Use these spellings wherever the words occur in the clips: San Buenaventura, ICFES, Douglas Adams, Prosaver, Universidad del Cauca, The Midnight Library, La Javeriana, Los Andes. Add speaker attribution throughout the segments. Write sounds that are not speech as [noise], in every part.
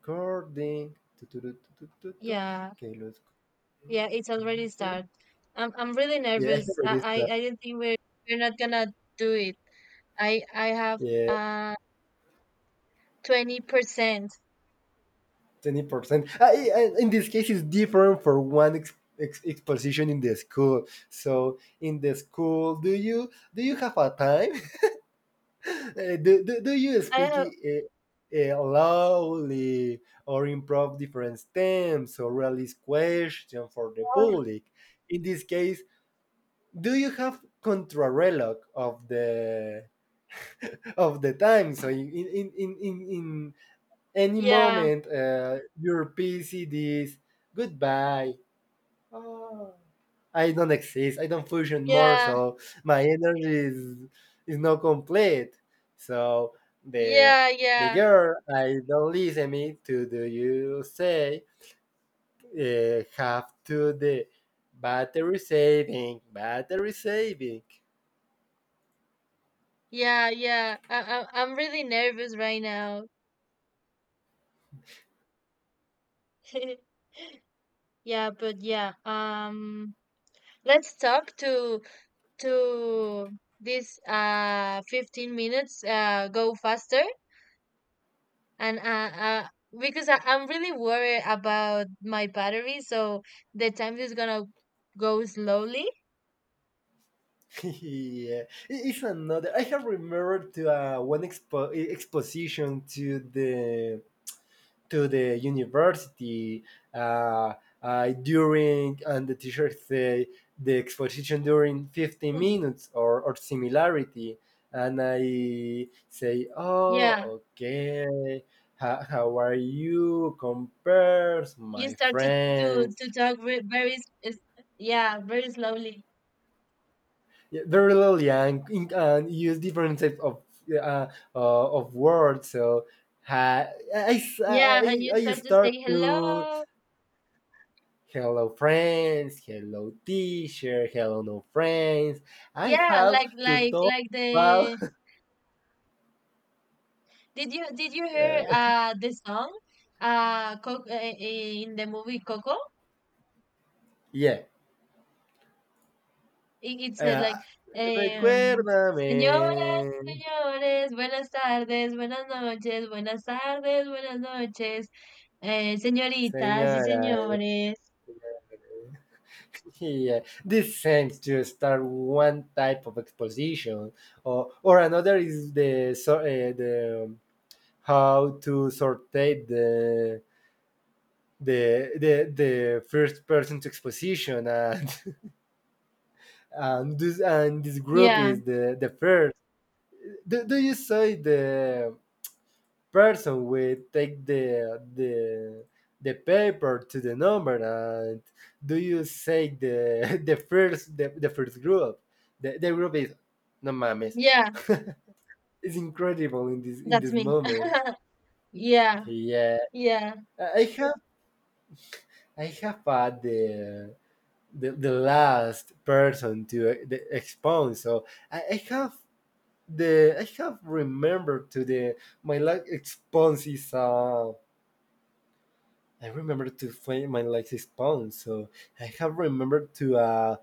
Speaker 1: Recording. Tu, tu, tu, tu, tu, tu.
Speaker 2: Yeah,
Speaker 1: Okay, let's
Speaker 2: yeah, it's already
Speaker 1: confirm.
Speaker 2: start. I'm really
Speaker 1: Yeah, [laughs] I can
Speaker 2: nervous.
Speaker 1: already
Speaker 2: I
Speaker 1: stop.
Speaker 2: I, I didn't think we're not gonna do it. I have
Speaker 1: Yeah,
Speaker 2: uh 20%.
Speaker 1: 20%. And in this case, it's different for one exposition in the school. So in the school, do you have a time? [laughs] Do you
Speaker 2: I
Speaker 1: speak
Speaker 2: have,
Speaker 1: loudly or improv different stems or release question for the
Speaker 2: oh,
Speaker 1: public? In this case, do you have contrarelog of the time. So in in any
Speaker 2: yeah,
Speaker 1: moment, your PC is goodbye. Oh, I don't exist. I don't function more.
Speaker 2: yeah,
Speaker 1: So my energy is not complete. So the
Speaker 2: yeah,
Speaker 1: the
Speaker 2: yeah,
Speaker 1: girl I don't listen me to do you say have to the battery saving.
Speaker 2: yeah, yeah. I'm really nervous right now. [laughs] Yeah, but yeah. Let's talk to this 15 minutes go faster and because I'm really worried about my battery, so the time is gonna go slowly.
Speaker 1: [laughs] Yeah, it's another. I have remembered to one exposition to the university uh, during, and the teacher say the exposition during fifteen
Speaker 2: Mhm.
Speaker 1: minutes or similarity, and I say,
Speaker 2: Yeah,
Speaker 1: oh, okay. How are you compares
Speaker 2: you
Speaker 1: my
Speaker 2: start to to
Speaker 1: friends.
Speaker 2: to talk, yeah, very slowly.
Speaker 1: Yeah, very little young and use different types of yeah, of words. So ha- I,
Speaker 2: Yeah, and
Speaker 1: I
Speaker 2: you
Speaker 1: I
Speaker 2: start to say
Speaker 1: start to
Speaker 2: hello.
Speaker 1: hello friends, hello teacher, hello no friends. I
Speaker 2: Yeah,
Speaker 1: have
Speaker 2: like,
Speaker 1: to talk
Speaker 2: like
Speaker 1: about
Speaker 2: the did you hear
Speaker 1: uh,
Speaker 2: the song, in the movie Coco?
Speaker 1: yeah.
Speaker 2: It said,
Speaker 1: Uh,
Speaker 2: like, um, señoras y
Speaker 1: Recuérdame,
Speaker 2: señores, buenas tardes, buenas noches, buenas tardes, buenas noches, señoritas y
Speaker 1: señora.
Speaker 2: señores.
Speaker 1: Yeah, this seems to start one type of exposition, or another is the so, the how to sortate the first person to exposition, and [laughs] and this group
Speaker 2: Yeah,
Speaker 1: is the first do you say the person will take the the paper to the number and do you say the [laughs] the first group the group is no mames.
Speaker 2: yeah,
Speaker 1: [laughs] It's incredible in this in
Speaker 2: that's
Speaker 1: this
Speaker 2: me.
Speaker 1: moment.
Speaker 2: [laughs] Yeah,
Speaker 1: Yeah,
Speaker 2: yeah,
Speaker 1: i I have I have had the last person to the expound. So I, I have I have remembered to the my last expound is I remember to find my last expound. So I have remembered to a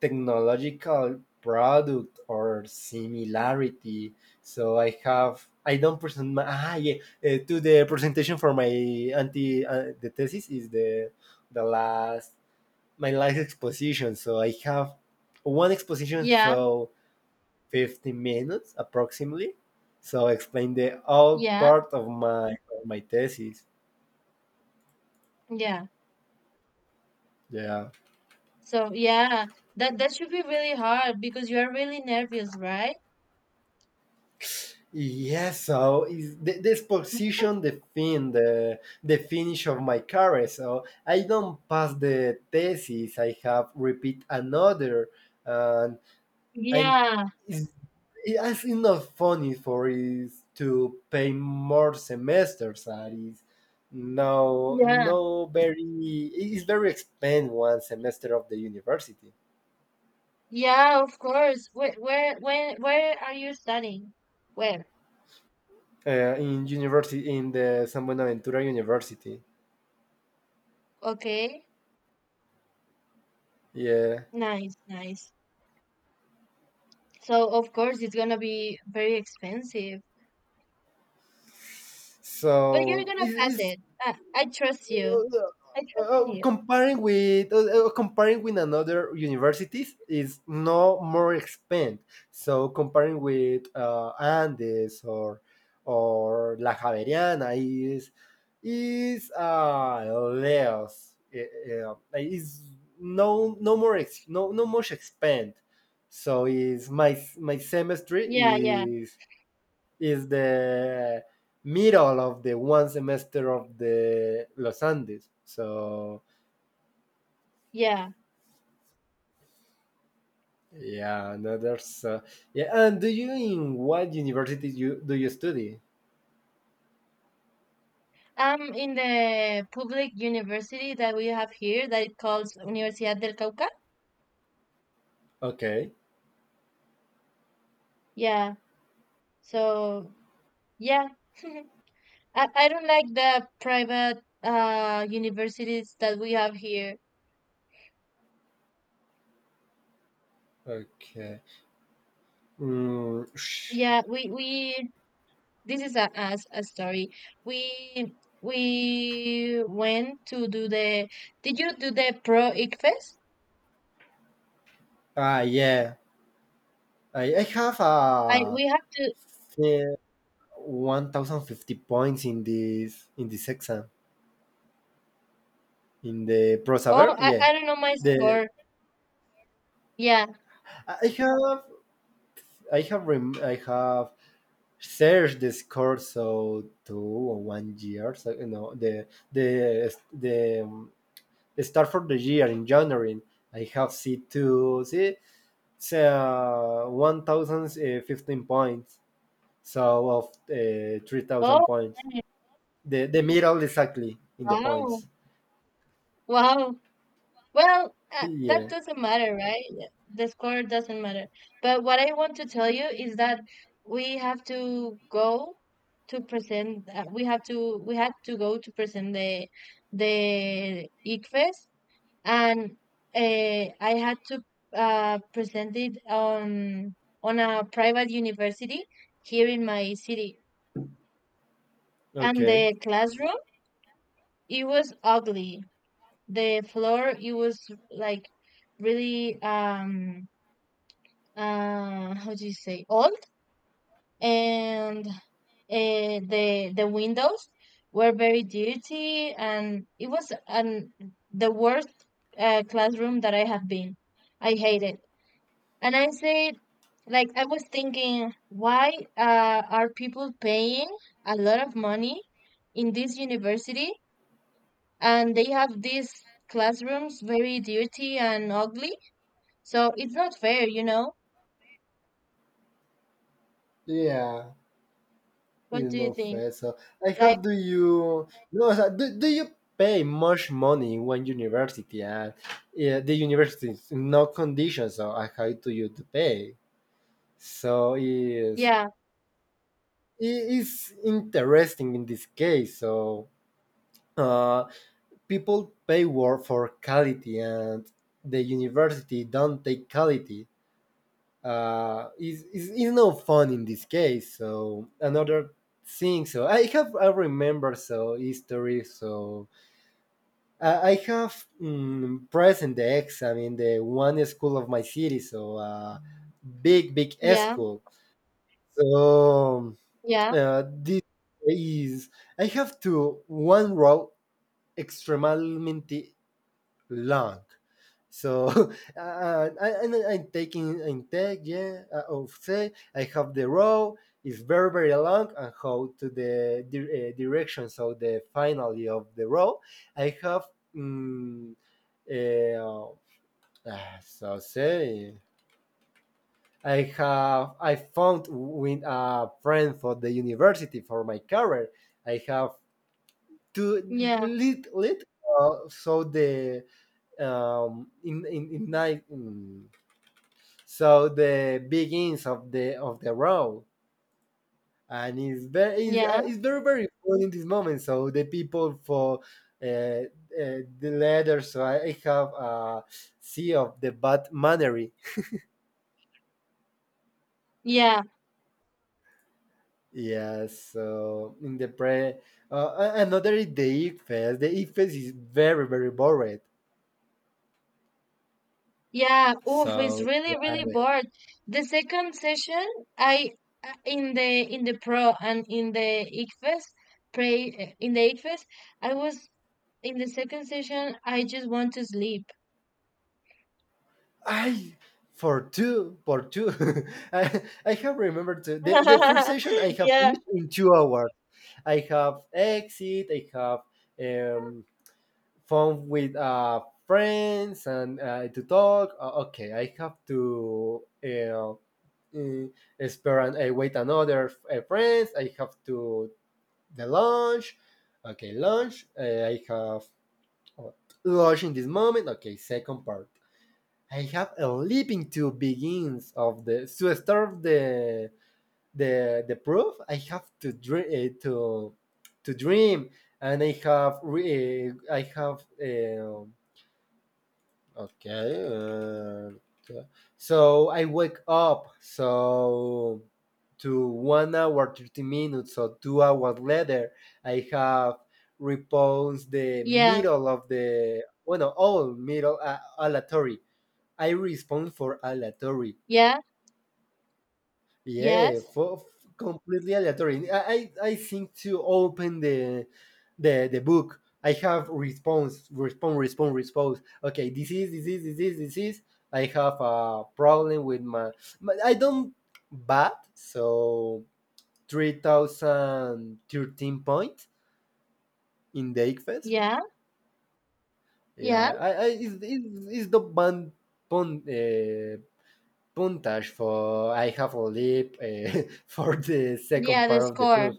Speaker 1: technological product or similarity. So I don't present my yeah to the presentation for my anti the thesis is the last my last exposition. So I have one exposition,
Speaker 2: yeah,
Speaker 1: so 50 minutes approximately. So I explained the whole
Speaker 2: yeah,
Speaker 1: part of my thesis.
Speaker 2: yeah.
Speaker 1: Yeah.
Speaker 2: So yeah, that should be really hard because you are really nervous, right?
Speaker 1: Yes, so is the exposition the finish of my career. So I don't pass the thesis. I have repeat another, and and
Speaker 2: Yeah,
Speaker 1: it's, it's not funny for is to pay more semesters that is no
Speaker 2: yeah,
Speaker 1: no very. It's very expensive one semester of the university.
Speaker 2: yeah, of course. Where are you studying? Where?
Speaker 1: In university in the San Buenaventura university.
Speaker 2: Okay.
Speaker 1: Yeah,
Speaker 2: Nice, nice. So of course it's gonna be very expensive, but you're
Speaker 1: so
Speaker 2: gonna
Speaker 1: it,
Speaker 2: pass
Speaker 1: it's
Speaker 2: it. I trust you. I trust in you.
Speaker 1: comparing with another universities is no more expand. So comparing with Andes or La Javeriana is is uh less is no more no much expand. So is my semester
Speaker 2: Yeah, yeah,
Speaker 1: is the middle of the one semester of the Los Andes. So
Speaker 2: yeah.
Speaker 1: yeah, no, there's yeah. And do you in what university you study?
Speaker 2: I'm in the public university that we have here that it calls Universidad del Cauca.
Speaker 1: Okay,
Speaker 2: Yeah. So yeah, [laughs] I don't like the private universities that we have here.
Speaker 1: okay. Mm, sh-
Speaker 2: Yeah, we this is a, as a story. We we went to do the. Did you do the pro ICFES?
Speaker 1: ah, yeah. I have
Speaker 2: I
Speaker 1: a
Speaker 2: we have to.
Speaker 1: 1,050 points in this exam in the
Speaker 2: Oh,
Speaker 1: Prosaver. Yeah,
Speaker 2: I don't know my
Speaker 1: the
Speaker 2: score. Yeah.
Speaker 1: I have I have rem- I have search this course so 2 or 1 year so the start for the year in January. I have C2 see it's 1015 points so of 3,000
Speaker 2: Oh,
Speaker 1: points the middle exactly in the
Speaker 2: wow,
Speaker 1: points.
Speaker 2: wow. Well,
Speaker 1: [laughs]
Speaker 2: that
Speaker 1: Yeah,
Speaker 2: doesn't matter, right? The score doesn't matter. But what I want to tell you is that we have to go to present. We have to we had to go to present the ICFES and I had to present it on a private university here in my city. And
Speaker 1: okay,
Speaker 2: the classroom, it was ugly. The floor, it was, like, really, how do you say, old, and the windows were very dirty, and it was an the worst classroom that I have been. I hate it. And I said, like, I was thinking, why are people paying a lot of money in this university? And they have these classrooms very dirty and ugly. So it's not fair, you know?
Speaker 1: yeah.
Speaker 2: What
Speaker 1: You
Speaker 2: do you
Speaker 1: no
Speaker 2: think?
Speaker 1: fair. So I
Speaker 2: Like,
Speaker 1: have. Do you? No. So do you pay much money in one university and yeah, the university is no conditions so I have to you to pay. So is
Speaker 2: yeah,
Speaker 1: it is interesting in this case. So uh, people pay work for quality and the university don't take quality. Is no fun in this case. So another thing. So I remember so history. So I have present the exam in the one school of my city. So big big
Speaker 2: yeah,
Speaker 1: school. So
Speaker 2: yeah,
Speaker 1: this is I have to one row extremely long. So [laughs] I'm taking in tech, yeah, of say I have the row is very very long and how to the direction. So the finally of the row, I have um, uh, so say I found with a friend for the university for my career. I have two
Speaker 2: yeah,
Speaker 1: lit lit. So the in nine. So the begins of the row, and it's very it's, uh,
Speaker 2: yeah,
Speaker 1: it's very very cool in this moment, so the people for uh, uh, the letter. So I have a c of the bad mannery.
Speaker 2: yeah.
Speaker 1: Yes, so in the another is the ifes. The ifes is very very boring,
Speaker 2: Yeah, oof, it's
Speaker 1: so
Speaker 2: really,
Speaker 1: yeah,
Speaker 2: really bored. The second session, I, in the pro and in the ICFES, pray, in the ICFES, I was in the second session. I just want to sleep.
Speaker 1: I for two [laughs] I have remembered to, the first
Speaker 2: [laughs]
Speaker 1: session I have
Speaker 2: Yeah,
Speaker 1: finished in 2 hours. I have exit. I have um, fun with friends and to talk. Okay, I have to spare and wait another friends. I have to the lunch. Okay, lunch. I have uh, lunch in this moment. Okay, second part. I have a leaping to begins of the to start the proof. I have to dream to dream, and I have okay, so I wake up so to 1 hour 30 minutes or 2 hours later. I have reposed the
Speaker 2: yeah,
Speaker 1: middle of the well no, all middle aleatory. I respond for aleatory.
Speaker 2: yeah,
Speaker 1: Yeah,
Speaker 2: yes,
Speaker 1: completely aleatory. I think to open the book. I have response, response, response, response. Okay, this is. I have a problem with my. But I don't bat so 3,013 points in the ICFES.
Speaker 2: yeah, yeah,
Speaker 1: Yeah, I is the band pun, uh, puntage for I have a leap [laughs] for the second
Speaker 2: yeah. The
Speaker 1: part of the
Speaker 2: score.
Speaker 1: proof.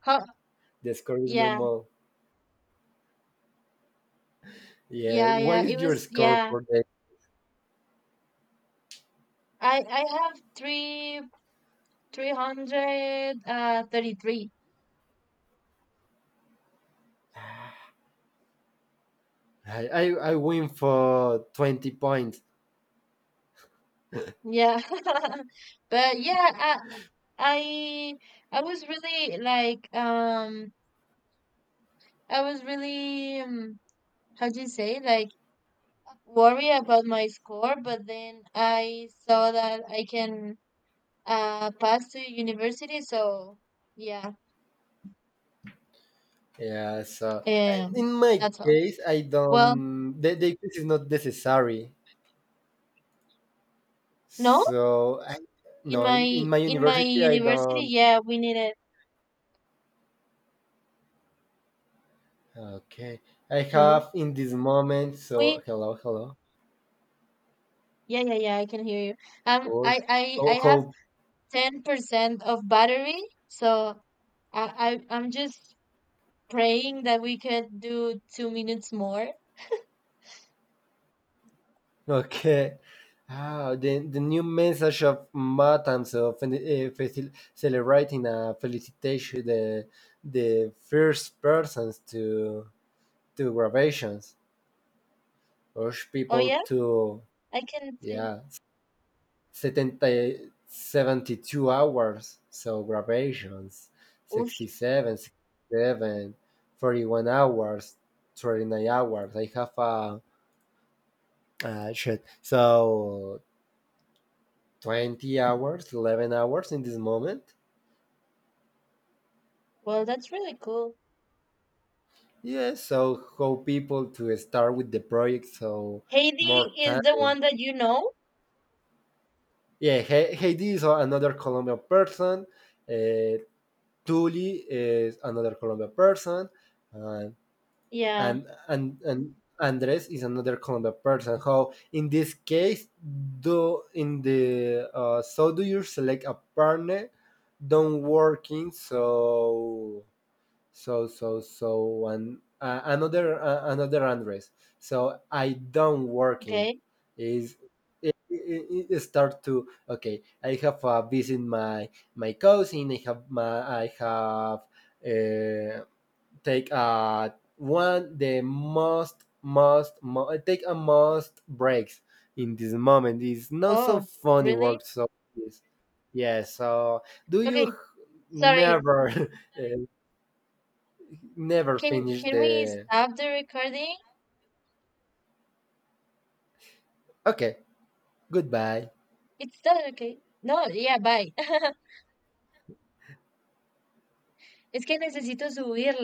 Speaker 2: How?
Speaker 1: The score is no
Speaker 2: Yeah,
Speaker 1: more. Yeah,
Speaker 2: yeah,
Speaker 1: what
Speaker 2: yeah.
Speaker 1: is
Speaker 2: It
Speaker 1: your
Speaker 2: was
Speaker 1: score
Speaker 2: yeah.
Speaker 1: for that?
Speaker 2: I have three three hundred thirty three.
Speaker 1: I I, I win for 20 points.
Speaker 2: Yeah. [laughs] But yeah, I I was really, like, I was really, how do you say, like, worry about my score, but then I saw that I can pass to university, so yeah,
Speaker 1: Yeah, so and
Speaker 2: um
Speaker 1: in my
Speaker 2: that's all.
Speaker 1: case, I
Speaker 2: Well,
Speaker 1: don't. The quiz is not necessary.
Speaker 2: no,
Speaker 1: So I
Speaker 2: in
Speaker 1: no, in,
Speaker 2: my
Speaker 1: in my university, I
Speaker 2: university,
Speaker 1: don't.
Speaker 2: yeah, we needed
Speaker 1: Okay, I
Speaker 2: hello.
Speaker 1: have in this moment. So
Speaker 2: We
Speaker 1: hello, hello.
Speaker 2: Yeah, yeah, yeah, I can hear you.
Speaker 1: Oh,
Speaker 2: I have
Speaker 1: how.
Speaker 2: 10% of battery, so I'm just praying that we could do 2 minutes more.
Speaker 1: Okay. Ah, the new message of Matanz of celebrating a felicitation the first persons to graduations urge
Speaker 2: Oh
Speaker 1: people
Speaker 2: yeah,
Speaker 1: to.
Speaker 2: I can see.
Speaker 1: Yeah, 70 72 hours so graduations
Speaker 2: Oosh.
Speaker 1: 67 sixty-seven, 41 hours 39 hours I have a shit. So 20 hours 11 hours in this moment.
Speaker 2: Well, that's really cool.
Speaker 1: Yeah, so how people to start with the project so more
Speaker 2: Heidi is the
Speaker 1: time.
Speaker 2: one that you know.
Speaker 1: Yeah, Heidi is another Colombian person. uh, Tuli is another Colombian person. uh,
Speaker 2: Yeah.
Speaker 1: and Andres is another Colombian person how in this case do in the so do you select a partner don't working so and another another address. So I don't working
Speaker 2: Okay.
Speaker 1: is it start to okay. I have visit my cousin. I have uh, take one the take a most breaks in this moment. It's not so
Speaker 2: Oh,
Speaker 1: funny
Speaker 2: really?
Speaker 1: work, so yes. Yeah, so do you
Speaker 2: Okay. Sorry.
Speaker 1: never [laughs] uh, never
Speaker 2: Can
Speaker 1: finish
Speaker 2: can we
Speaker 1: the.
Speaker 2: stop the recording?
Speaker 1: Okay, goodbye.
Speaker 2: It's done. Okay. No. Yeah. Bye. [laughs] es que necesito subir.